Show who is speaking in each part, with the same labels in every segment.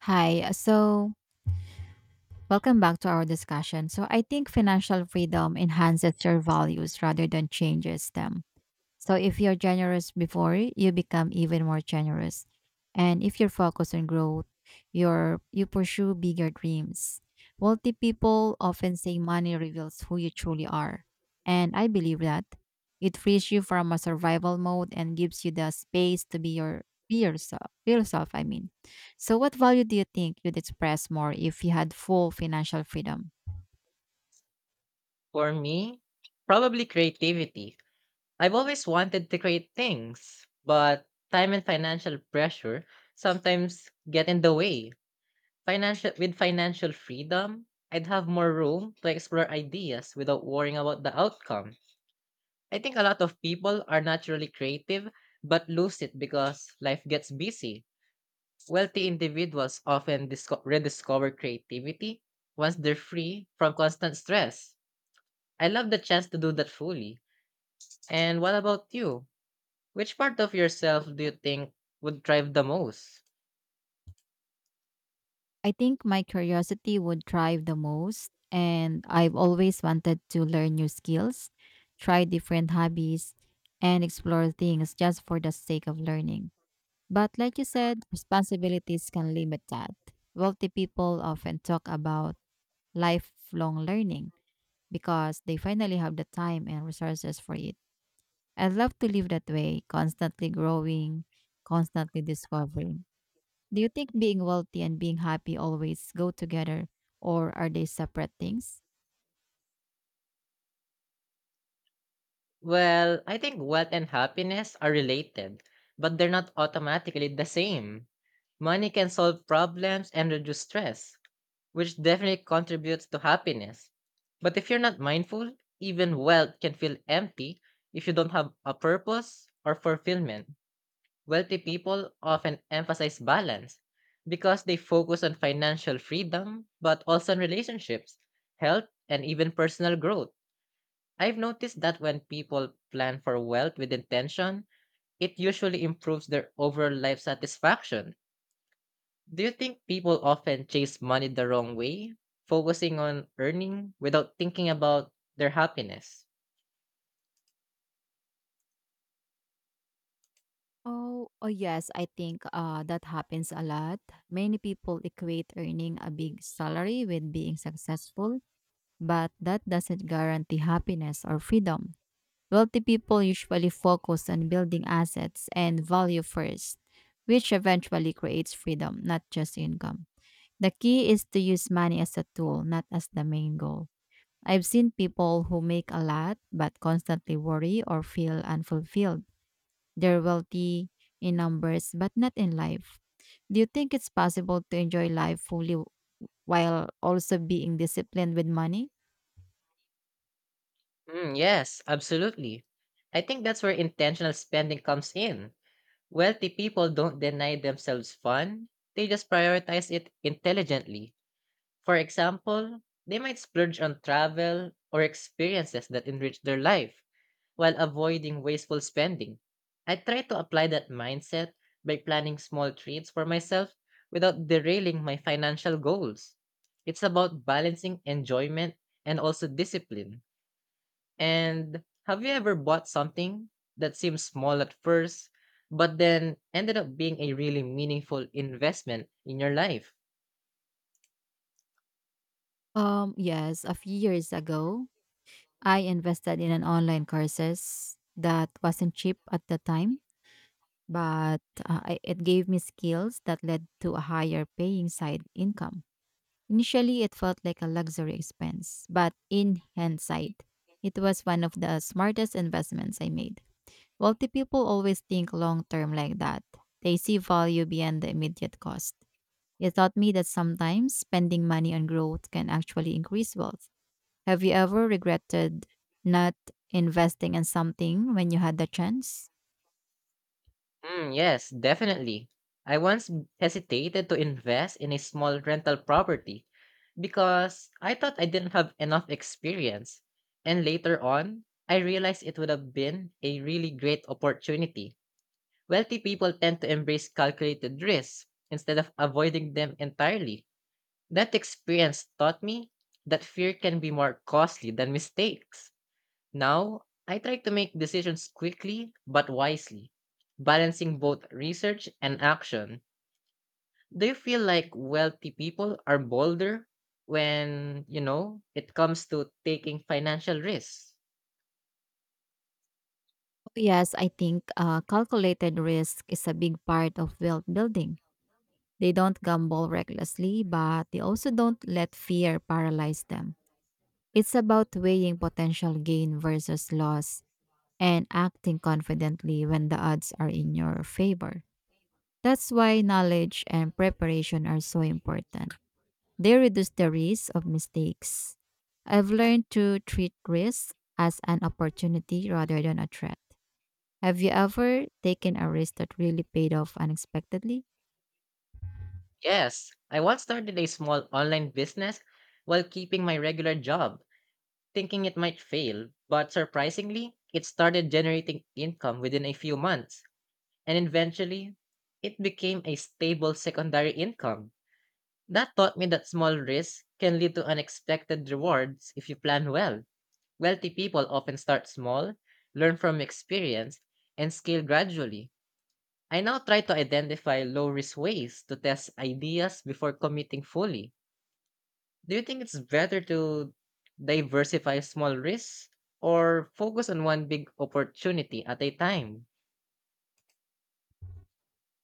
Speaker 1: Hi. uh, So, Welcome back to our discussion. So, I think financial freedom enhances your values rather than changes them. So if you're generous before, you become even more generous. And if you're focused on growth, you pursue bigger dreams. Wealthy people often say money reveals who you truly are. And I believe that it frees you from a survival mode and gives you the space to be yourself, be yourself. So what value do you think you'd express more if you had full financial freedom?
Speaker 2: For me, probably creativity. I've always wanted to create things, but time and financial pressure sometimes get in the way. Financial with financial freedom, I'd have more room to explore ideas without worrying about the outcome. I think a lot of people are naturally creative but lose it because life gets busy. Wealthy individuals often rediscover creativity once they're free from constant stress. I love the chance to do that fully And what about you? Which part of yourself do you think would thrive the most?
Speaker 1: I think my curiosity would thrive the most. And I've always wanted to learn new skills, try different hobbies, and explore things just for the sake of learning. But like you said, responsibilities can limit that. Wealthy people often talk about lifelong learning, because they finally have the time and resources for it. I'd love to live that way, constantly growing, constantly discovering. Do you think being wealthy and being happy always go together, or are they separate things?
Speaker 2: Well, I think wealth and happiness are related, but they're not automatically the same. Money can solve problems and reduce stress, which definitely contributes to happiness. But if you're not mindful, even wealth can feel empty if you don't have a purpose or fulfillment. Wealthy people often emphasize balance because they focus on financial freedom, but also on relationships, health, and even personal growth. I've noticed that when people plan for wealth with intention, it usually improves their overall life satisfaction. Do you think people often chase money the wrong way, focusing on earning without thinking about their happiness?
Speaker 1: Oh yes, I think that happens a lot. Many people equate earning a big salary with being successful, but that doesn't guarantee happiness or freedom. Wealthy people usually focus on building assets and value first, which eventually creates freedom, not just income. The key is to use money as a tool, not as the main goal. I've seen people who make a lot but constantly worry or feel unfulfilled. They're wealthy in numbers but not in life. Do you think it's possible to enjoy life fully while also being disciplined with money?
Speaker 2: Mm, yes, absolutely. I think that's where intentional spending comes in Wealthy people don't deny themselves fun, they just prioritize it intelligently. For example, they might splurge on travel or experiences that enrich their life while avoiding wasteful spending. I try to apply that mindset by planning small treats for myself without derailing my financial goals. It's about balancing enjoyment and also discipline. And have you ever bought something that seemed small at first, but then ended up being a really meaningful investment in your life?
Speaker 1: Yes, a few years ago, I invested in an online courses that wasn't cheap at the time, but it gave me skills that led to a higher paying side income. Initially, it felt like a luxury expense, but in hindsight, it was one of the smartest investments I made. Wealthy people always think long term like that, they see value beyond the immediate cost. It taught me that sometimes spending money on growth can actually increase wealth. Have you ever regretted not investing in something when you had the chance?
Speaker 2: Mm, yes, definitely. I once hesitated to invest in a small rental property because I thought I didn't have enough experience. And later on, I realized it would have been a really great opportunity. Wealthy people tend to embrace calculated risks instead of avoiding them entirely. That experience taught me that fear can be more costly than mistakes. Now, I try to make decisions quickly but wisely, balancing both research and action. Do you feel like wealthy people are bolder when, you know, it comes to taking financial risks?
Speaker 1: Yes, I think calculated risk is a big part of wealth building. They don't gamble recklessly, but they also don't let fear paralyze them. It's about weighing potential gain versus loss and acting confidently when the odds are in your favor. That's why knowledge and preparation are so important. They reduce the risk of mistakes. I've learned to treat risk as an opportunity rather than a threat. Have you ever taken a risk that really paid off unexpectedly?
Speaker 2: Yes, I once started a small online business while keeping my regular job, thinking it might fail, but surprisingly, it started generating income within a few months. And eventually it became a stable secondary income. That taught me that small risks can lead to unexpected rewards if you plan well. Wealthy people often start small, learn from experience, and scale gradually. I now try to identify low risk ways to test ideas before committing fully. Do you think it's better to diversify small risks or focus on one big opportunity at a time?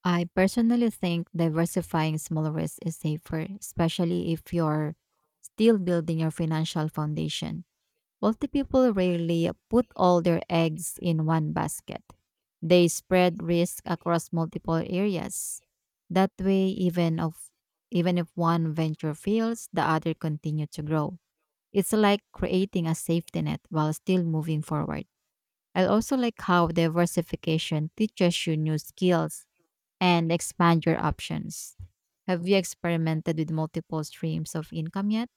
Speaker 1: I personally think diversifying small risks is safer, especially if you're still building your financial foundation. Wealthy people rarely put all their eggs in one basket. They spread risk across multiple areas. That way, even if one venture fails, the other continue to grow. It's like creating a safety net while still moving forward. I also like how diversification teaches you new skills and expand your options. Have you experimented with multiple streams of income yet?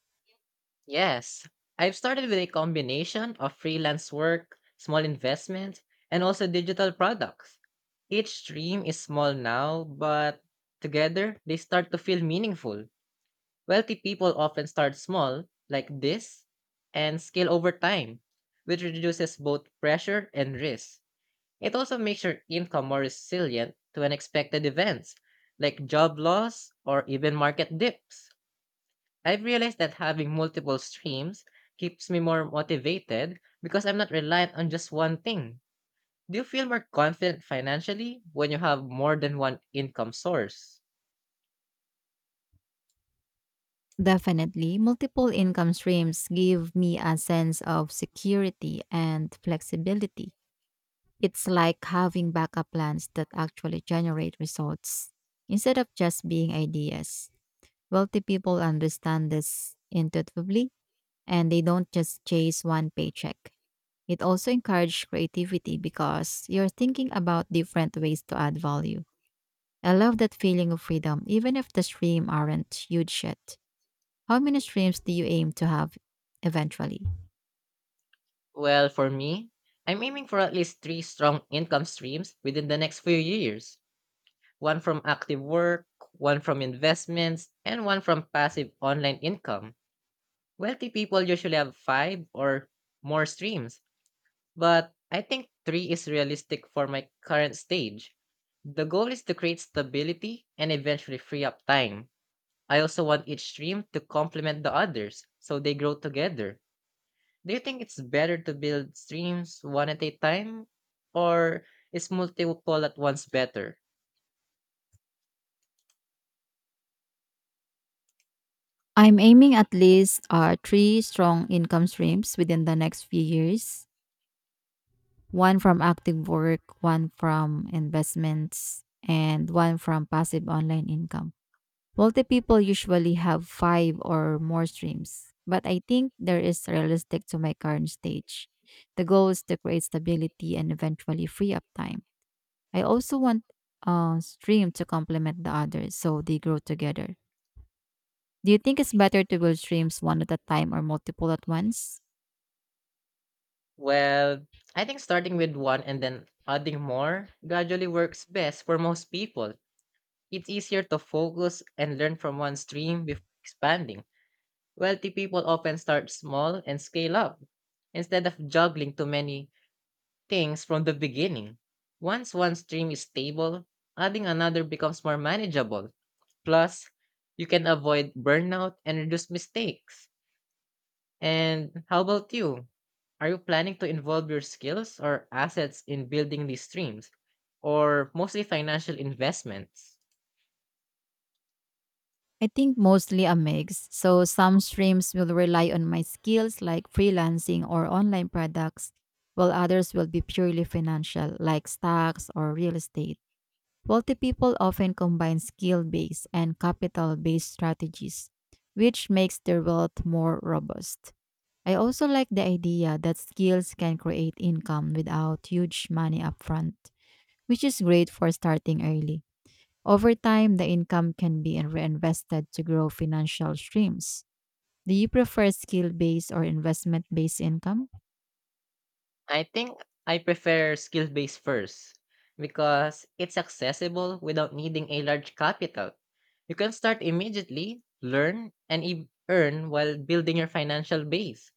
Speaker 2: Yes, I've started with a combination of freelance work, small investments, and also digital products. Each stream is small now, but together they start to feel meaningful. Wealthy people often start small, like this, and scale over time, which reduces both pressure and risk. It also makes your income more resilient to unexpected events, like job loss or even market dips. I've realized that having multiple streams keeps me more motivated because I'm not reliant on just one thing. Do you feel more confident financially when you have more than one income source?
Speaker 1: Definitely. Multiple income streams give me a sense of security and flexibility. It's like having backup plans that actually generate results instead of just being ideas. Wealthy people understand this intuitively and they don't just chase one paycheck. It also encouraged creativity because you're thinking about different ways to add value. I love that feeling of freedom, even if the stream aren't huge yet. How many streams do you aim to have eventually?
Speaker 2: Well, for me, I'm aiming for at least three strong income streams within the next few years, one from active work, one from investments, and one from passive online income. Wealthy people usually have five or more streams, but I think 3 is realistic for my current stage. The goal is to create stability and eventually free up time. I also want each stream to complement the others so they grow together. Do you think it's better to build streams one at a time or is multiple at once better?
Speaker 1: I'm aiming at least 3 strong income streams within the next few years, one from active work, one from investments, and one from passive online income. Wealthy people usually have 5 or more streams, but I think there is realistic to my current stage. The goal is to create stability and eventually free up time. I also want a stream to complement the others so they grow together. Do you think it's better to build streams one at a time or multiple at once?
Speaker 2: Well, I think starting with one and then adding more gradually works best for most people. It's easier to focus and learn from one stream before expanding. Wealthy people often start small and scale up instead of juggling too many things from the beginning. Once one stream is stable, adding another becomes more manageable. Plus, you can avoid burnout and reduce mistakes. And how about you? Are you planning to involve your skills or assets in building these streams or mostly financial investments?
Speaker 1: I think mostly a mix. So some streams will rely on my skills like freelancing or online products, while others will be purely financial like stocks or real estate. Wealthy people often combine skill based and capital based strategies, which makes their wealth more robust. I also like the idea that skills can create income without huge money upfront, which is great for starting early. Over time, the income can be reinvested to grow financial streams. Do you prefer skill based or investment based income?
Speaker 2: I think I prefer skill based first because it's accessible without needing a large capital. You can start immediately, learn, and earn while building your financial base.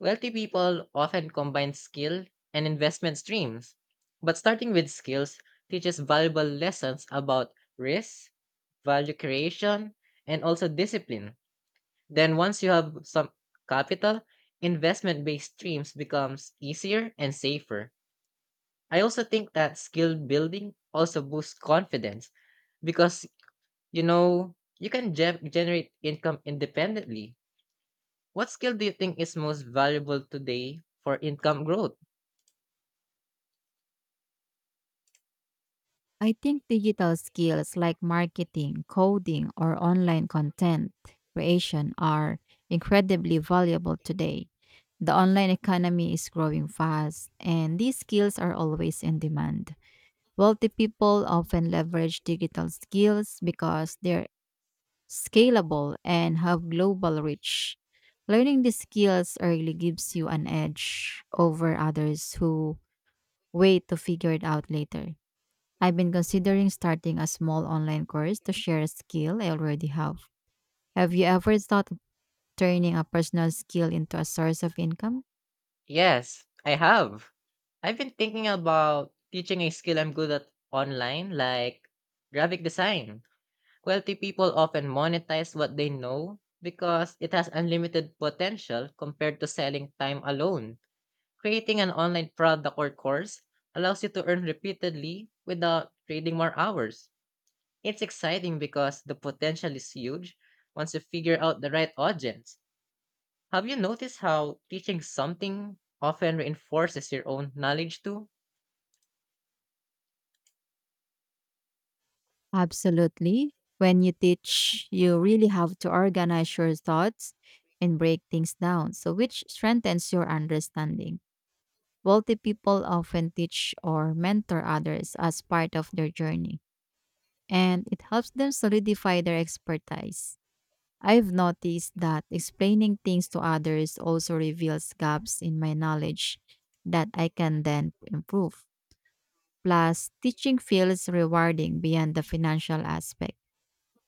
Speaker 2: Wealthy people often combine skill and investment streams, but starting with skills teaches valuable lessons about risk, value creation, and also discipline. Then once you have some capital, investment-based streams becomes easier and safer. I also think that skill building also boosts confidence because you know you can generate income independently. What skill do you think is most valuable today for income growth?
Speaker 1: I think digital skills like marketing, coding, or online content creation are incredibly valuable today. The online economy is growing fast, and these skills are always in demand. Wealthy people often leverage digital skills because they're scalable and have global reach. Learning these skills early gives you an edge over others who wait to figure it out later. I've been considering starting a small online course to share a skill I already have. Have you ever thought of turning a personal skill into a source of income?
Speaker 2: Yes, I have. I've been thinking about teaching a skill I'm good at online like graphic design. Wealthy people often monetize what they know because it has unlimited potential compared to selling time alone. Creating an online product or course allows you to earn repeatedly without trading more hours. It's exciting because the potential is huge once you figure out the right audience. Have you noticed how teaching something often reinforces your own knowledge too?
Speaker 1: Absolutely. When you teach, you really have to organize your thoughts and break things down, so which strengthens your understanding. Wealthy people often teach or mentor others as part of their journey, and it helps them solidify their expertise. I've noticed that explaining things to others also reveals gaps in my knowledge that I can then improve. Plus, teaching feels rewarding beyond the financial aspect.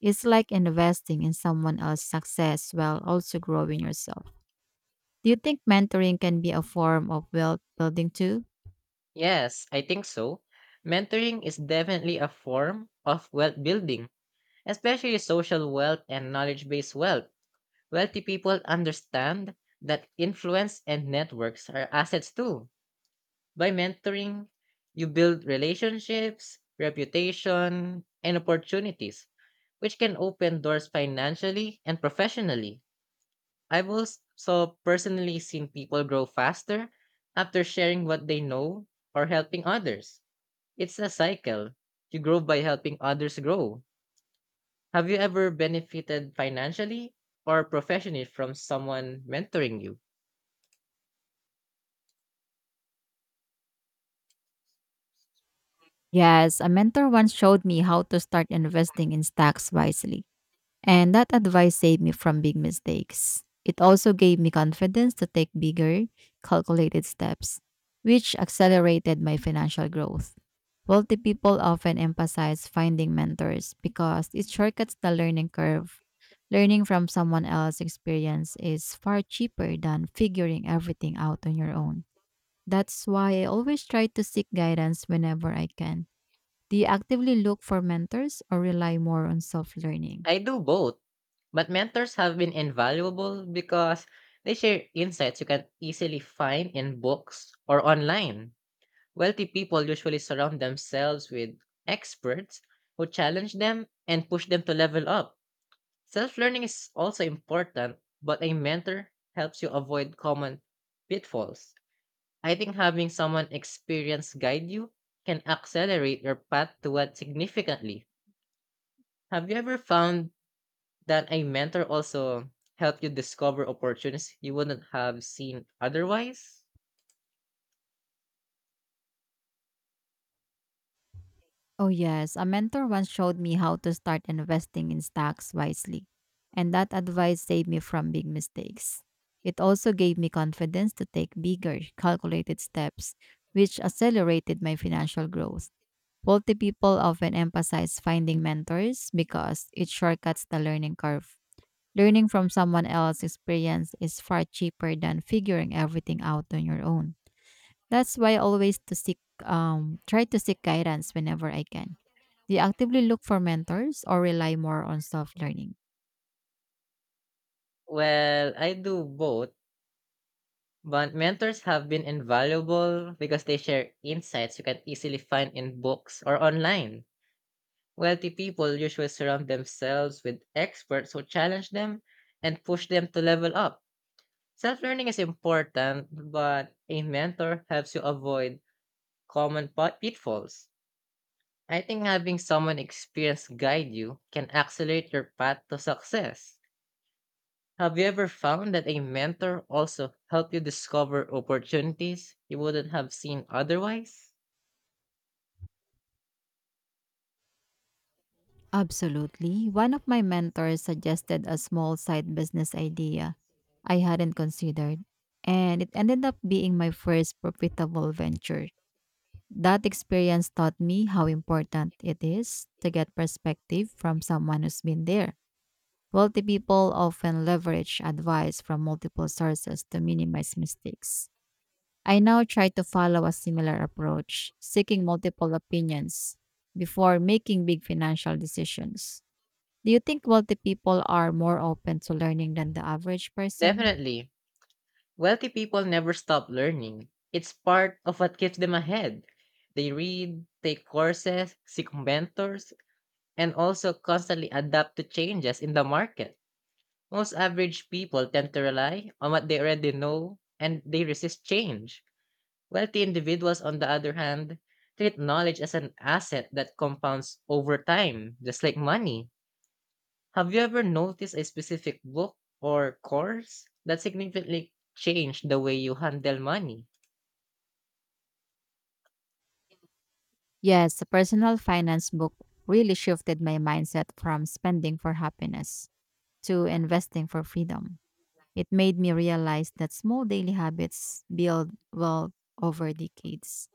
Speaker 1: It's like investing in someone else's success while also growing yourself. Do you think mentoring can be a form of wealth building too?
Speaker 2: Yes, I think so. Mentoring is definitely a form of wealth building, especially social wealth and knowledge based wealth. Wealthy people understand that influence and networks are assets too. By mentoring, you build relationships, reputation, and opportunities, which can open doors financially and professionally. I've also personally seen people grow faster after sharing what they know or helping others. It's a cycle. You grow by helping others grow Have you ever benefited financially or professionally from someone mentoring you?
Speaker 1: Yes, a mentor once showed me how to start investing in stocks wisely. And that advice saved me from big mistakes. It also gave me confidence to take bigger, calculated steps, which accelerated my financial growth. Wealthy people often emphasize finding mentors because it shortcuts the learning curve. Learning from someone else's experience is far cheaper than figuring everything out on your own. That's why I always try to seek guidance whenever I can. Do you actively look for mentors or rely more on self learning?
Speaker 2: I do both, but mentors have been invaluable because they share insights you can easily find in books or online. Wealthy people usually surround themselves with experts who challenge them and push them to level up. Self learning is also important, but a mentor helps you avoid common pitfalls. I think having someone experienced guide you can accelerate your path toward significantly. Have you ever found that a mentor also helped you discover opportunities you wouldn't have seen otherwise?
Speaker 1: Oh, yes. A mentor once showed me how to start investing in stocks wisely, and that advice saved me from big mistakes. It also gave me confidence to take bigger, calculated steps, which accelerated my financial growth. Wealthy people often emphasize finding mentors because it shortcuts the learning curve. Learning from someone else's experience is far cheaper than figuring everything out on your own. That's why I always to seek try to seek guidance whenever I can. Do you actively look for mentors or rely more on self-learning?
Speaker 2: Well, I do both, but mentors have been invaluable because they share insights you can easily find in books or online. Wealthy people usually surround themselves with experts who challenge them and push them to level up Self learning is important, but a mentor helps you avoid common pitfalls. I think having someone experienced guide you can accelerate your path to success. Have you ever found that a mentor also helped you discover opportunities you wouldn't have seen otherwise?
Speaker 1: Absolutely. One of my mentors suggested a small side business idea I hadn't considered, and it ended up being my first profitable venture. That experience taught me how important it is to get perspective from someone who's been there. Wealthy people often leverage advice from multiple sources to minimize mistakes. I now try to follow a similar approach, seeking multiple opinions before making big financial decisions. Do you think wealthy people are more open to learning than the average person?
Speaker 2: Definitely. Wealthy people never stop learning. It's part of what keeps them ahead. They read, take courses, seek mentors, and also constantly adapt to changes in the market. Most average people tend to rely on what they already know and they resist change. Wealthy individuals, on the other hand, treat knowledge as an asset that compounds over time, just like money. Have you ever noticed a specific book or course that significantly changed the way you handle money?
Speaker 1: Yes, a personal finance book really shifted my mindset from spending for happiness to investing for freedom. It made me realize that small daily habits build wealth over decades.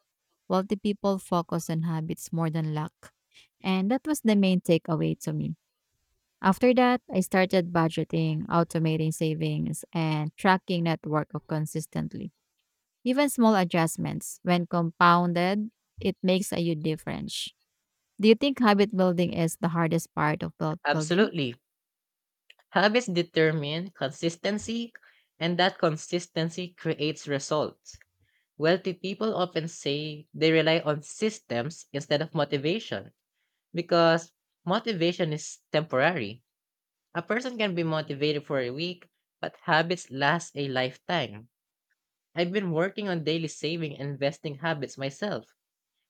Speaker 1: Wealthy people focus on habits more than luck. And that was the main takeaway to me. After that, I started budgeting, automating savings, and tracking net worth consistently. Even small adjustments, when compounded, it makes a huge difference. Do you think habit building is the hardest part of wealth building?
Speaker 2: Absolutely. Habits determine consistency, and that consistency creates results. Wealthy people often say they rely on systems instead of motivation because motivation is temporary. A person can be motivated for a week, but habits last a lifetime. I've been working on daily saving and investing habits myself,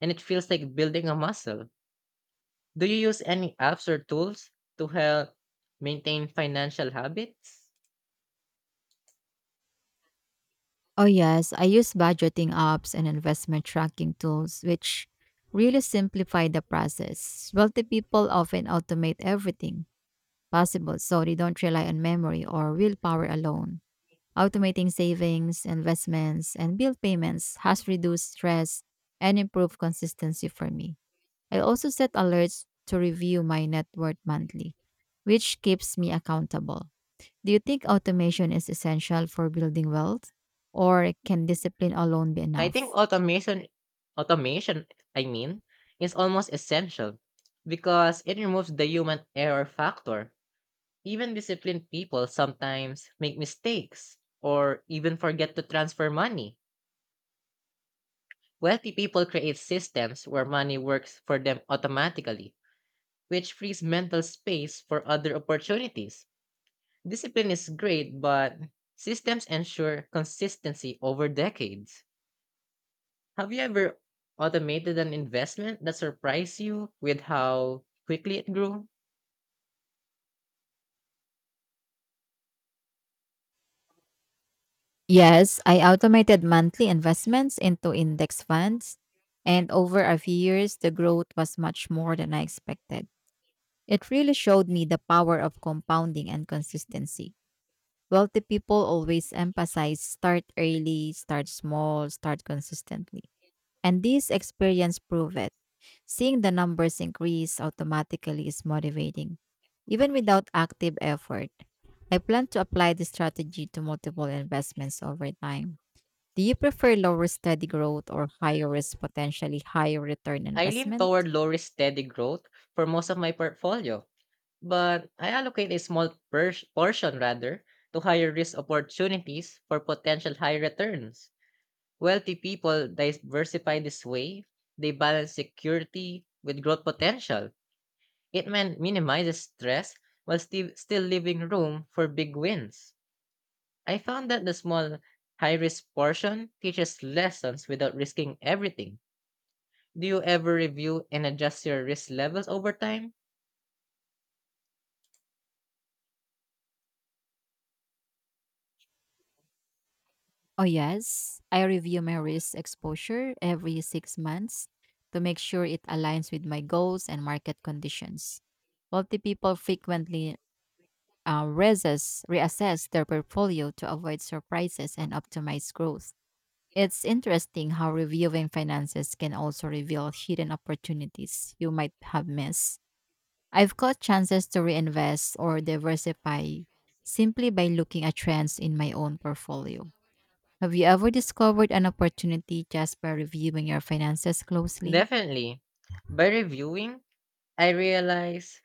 Speaker 2: and it feels like building a muscle. Do you use any apps or tools to help maintain financial habits?
Speaker 1: Oh, yes. I use budgeting apps and investment tracking tools, which really simplify the process. Wealthy people often automate everything possible so they don't rely on memory or willpower alone. Automating savings, investments, and bill payments has reduced stress and improved consistency for me. I also set alerts to review my net worth monthly, which keeps me accountable. Do you think automation is essential for building wealth, or can discipline alone be
Speaker 2: I think
Speaker 1: enough?
Speaker 2: automation, I mean, is almost essential because it removes the human error factor. Even disciplined people sometimes make mistakes or even forget to transfer money. Wealthy people create systems where money works for them automatically, which frees mental space for other opportunities. Discipline is great, but systems ensure consistency over decades. Have you ever automated an investment that surprised you with how quickly it grew?
Speaker 1: Yes, I automated monthly investments into index funds, and over a few years, the growth was much more than I expected. It really showed me the power of compounding and consistency. Wealthy people always emphasize start early, start small, start consistently. And this experience proved it. Seeing the numbers increase automatically is motivating. Even without active effort, I plan to apply this strategy to multiple investments over time. Do you prefer lower steady growth or higher risk, potentially higher return
Speaker 2: I lean
Speaker 1: investment?
Speaker 2: toward low risk steady growth for most of my portfolio, but I allocate a small portion rather to higher risk opportunities for potential high returns. Wealthy people diversify this way, they balance security with growth potential. It minimizes stress while still leaving room for big wins. I found that the small, high risk portion teaches lessons without risking everything. Do you ever review and adjust your risk levels over time?
Speaker 1: Oh, yes. I review my risk exposure every 6 months to make sure it aligns with my goals and market conditions. Wealthy people frequently reassess their portfolio to avoid surprises and optimize growth. It's interesting how reviewing finances can also reveal hidden opportunities you might have missed. I've caught chances to reinvest or diversify simply by looking at trends in my own portfolio. Have you ever discovered an opportunity just by reviewing your finances closely?
Speaker 2: Definitely. By reviewing, I realized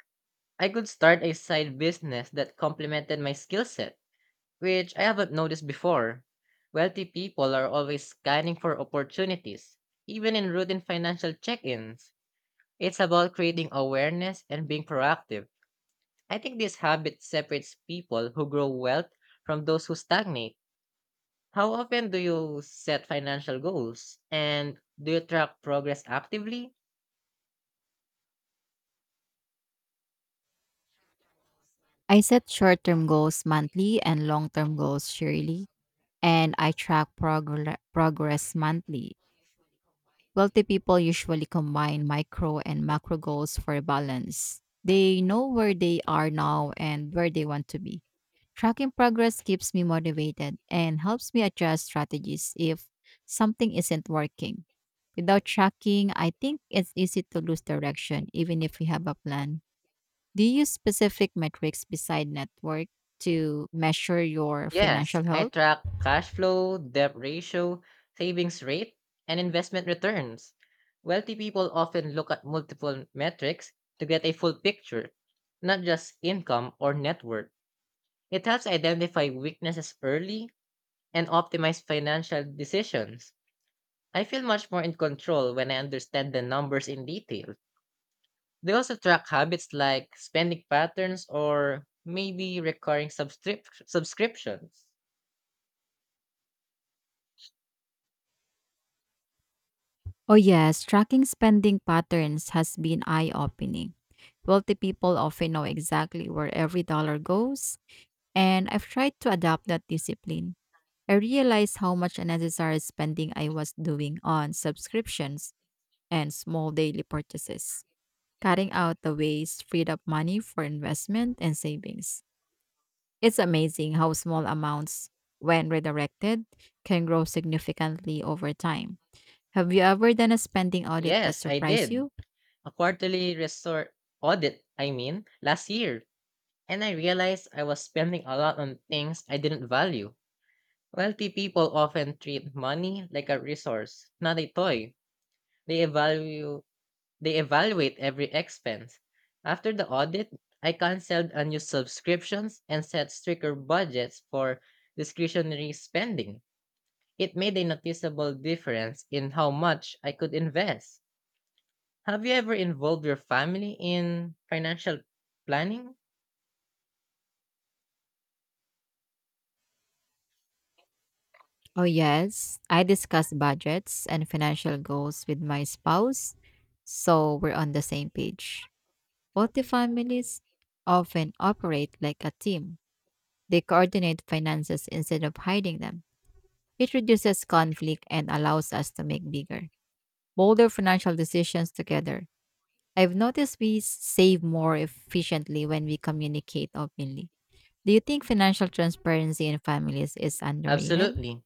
Speaker 2: I could start a side business that complemented my skill set, which I haven't noticed before. Wealthy people are always scanning for opportunities, even in routine financial check ins. It's about creating awareness and being proactive I think this habit separates people who grow wealth from those who stagnate. How often do you set financial goals? And do you track progress actively?
Speaker 1: I set short term goals monthly and long term goals yearly, and I track progress monthly. Wealthy people usually combine micro and macro goals for balance. They know where they are now and where they want to be. Tracking progress keeps me motivated and helps me adjust strategies if something isn't working. Without tracking, I think it's easy to lose direction even if we have a plan. Do you use specific metrics beside network to measure your
Speaker 2: Yes,
Speaker 1: financial
Speaker 2: I
Speaker 1: health?
Speaker 2: track cash flow, debt ratio, savings rate, and investment returns. Wealthy people often look at multiple metrics to get a full picture, not just income or net worth. It helps identify weaknesses early and optimize financial decisions. I feel much more in control when I understand the numbers in detail. They also track habits like spending patterns or maybe recurring subscriptions.
Speaker 1: Oh, yes, tracking spending patterns has been eye opening. Wealthy people often know exactly where every dollar goes, and I've tried to adopt that discipline. I realized how much unnecessary spending I was doing on subscriptions and small daily purchases. Cutting out the waste freed up money for investment and savings. It's amazing how small amounts, when redirected, can grow significantly over time. Have you ever done a spending audit that
Speaker 2: Yes, I
Speaker 1: surprised
Speaker 2: did.
Speaker 1: you?
Speaker 2: A quarterly resort audit, I mean, last year. And I realized I was spending a lot on things I didn't value. Wealthy people often treat money like a resource, not a toy. They evaluate They evaluate every expense. After the audit, I canceled unused subscriptions and set stricter budgets for discretionary spending. It made a noticeable difference in how much I could invest. Have you ever involved your family in financial planning?
Speaker 1: Oh, yes. I discuss budgets and financial goals with my spouse, so we're on the same page. Multifamilies often operate like a team, they coordinate finances instead of hiding them. It reduces conflict and allows us to make bigger, bolder financial decisions together. I've noticed we save more efficiently when we communicate openly. Do you think financial transparency in families is underrated?
Speaker 2: Absolutely.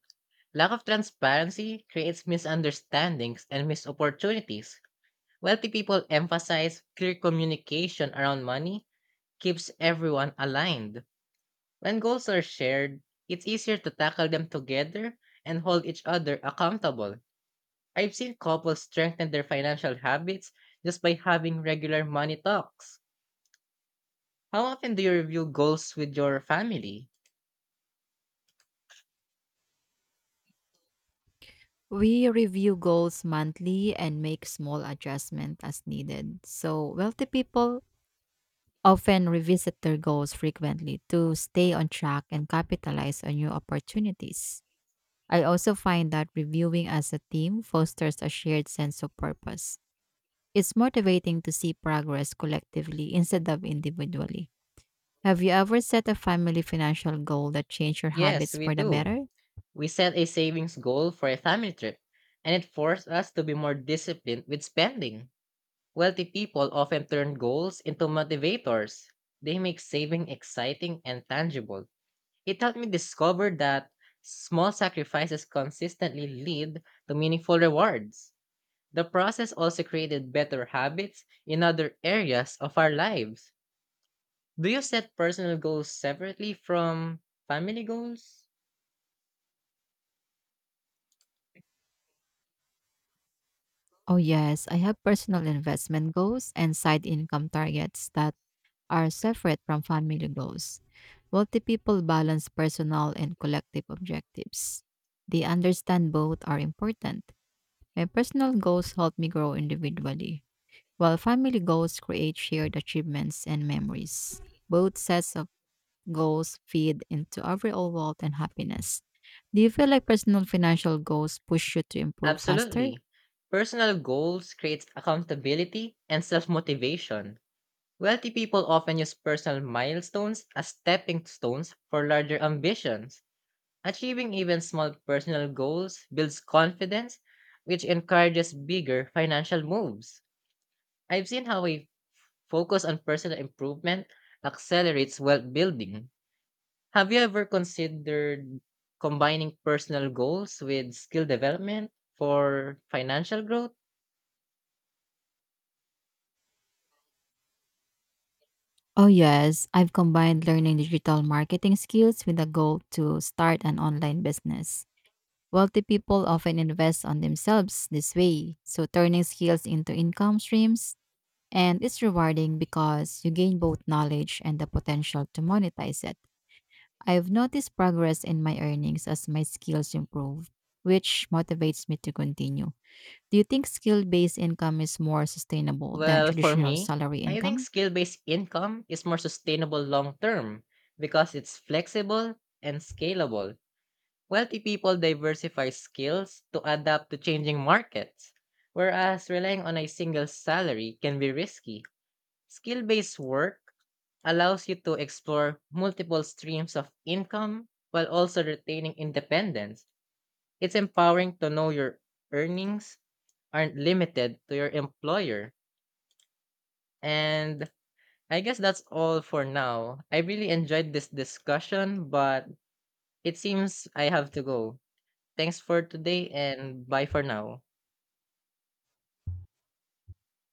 Speaker 2: Lack of transparency creates misunderstandings and missed opportunities. Wealthy people emphasize clear communication around money keeps everyone aligned. When goals are shared, it's easier to tackle them together and hold each other accountable. I've seen couples strengthen their financial habits just by having regular money talks. How often do you review goals with your family?
Speaker 1: We review goals monthly and make small adjustments as needed. So, wealthy people often revisit their goals frequently to stay on track and capitalize on new opportunities. I also find that reviewing as a team fosters a shared sense of purpose. It's motivating to see progress collectively instead of individually. Have you ever set a family financial goal that changed your
Speaker 2: Yes,
Speaker 1: habits
Speaker 2: we
Speaker 1: for the
Speaker 2: do.
Speaker 1: better?
Speaker 2: We set a savings goal for a family trip, and it forced us to be more disciplined with spending. Wealthy people often turn goals into motivators. They make saving exciting and tangible. It helped me discover that small sacrifices consistently lead to meaningful rewards. The process also created better habits in other areas of our lives. Do you set personal goals separately from family goals?
Speaker 1: Oh, yes. I have personal investment goals and side income targets that are separate from family goals. Wealthy people balance personal and collective objectives. They understand both are important. My personal goals help me grow individually, while family goals create shared achievements and memories. Both sets of goals feed into overall wealth and happiness. Do you feel like personal financial goals push you to improve faster?
Speaker 2: Absolutely. Personal goals creates accountability and self-motivation. Wealthy people often use personal milestones as stepping stones for larger ambitions. Achieving even small personal goals builds confidence, which encourages bigger financial moves. I've seen how a focus on personal improvement accelerates wealth building. Have you ever considered combining personal goals with skill development for financial growth?
Speaker 1: Oh, yes. I've combined learning digital marketing skills with a goal to start an online business. Wealthy people often invest on themselves this way, so turning skills into income streams, and it's rewarding because you gain both knowledge and the potential to monetize it. I've noticed progress in my earnings as my skills improve, which motivates me to continue. Do you think skill based income is more sustainable than
Speaker 2: Well, for
Speaker 1: traditional
Speaker 2: me,
Speaker 1: salary
Speaker 2: I think
Speaker 1: income?
Speaker 2: skill based income is more sustainable long term because it's flexible and scalable. Wealthy people diversify skills to adapt to changing markets, whereas relying on a single salary can be risky. Skill based work allows you to explore multiple streams of income while also retaining independence. It's empowering to know your earnings aren't limited to your employer. And I guess that's all for now. I really enjoyed this discussion, but it seems I have to go. Thanks for today and bye for now.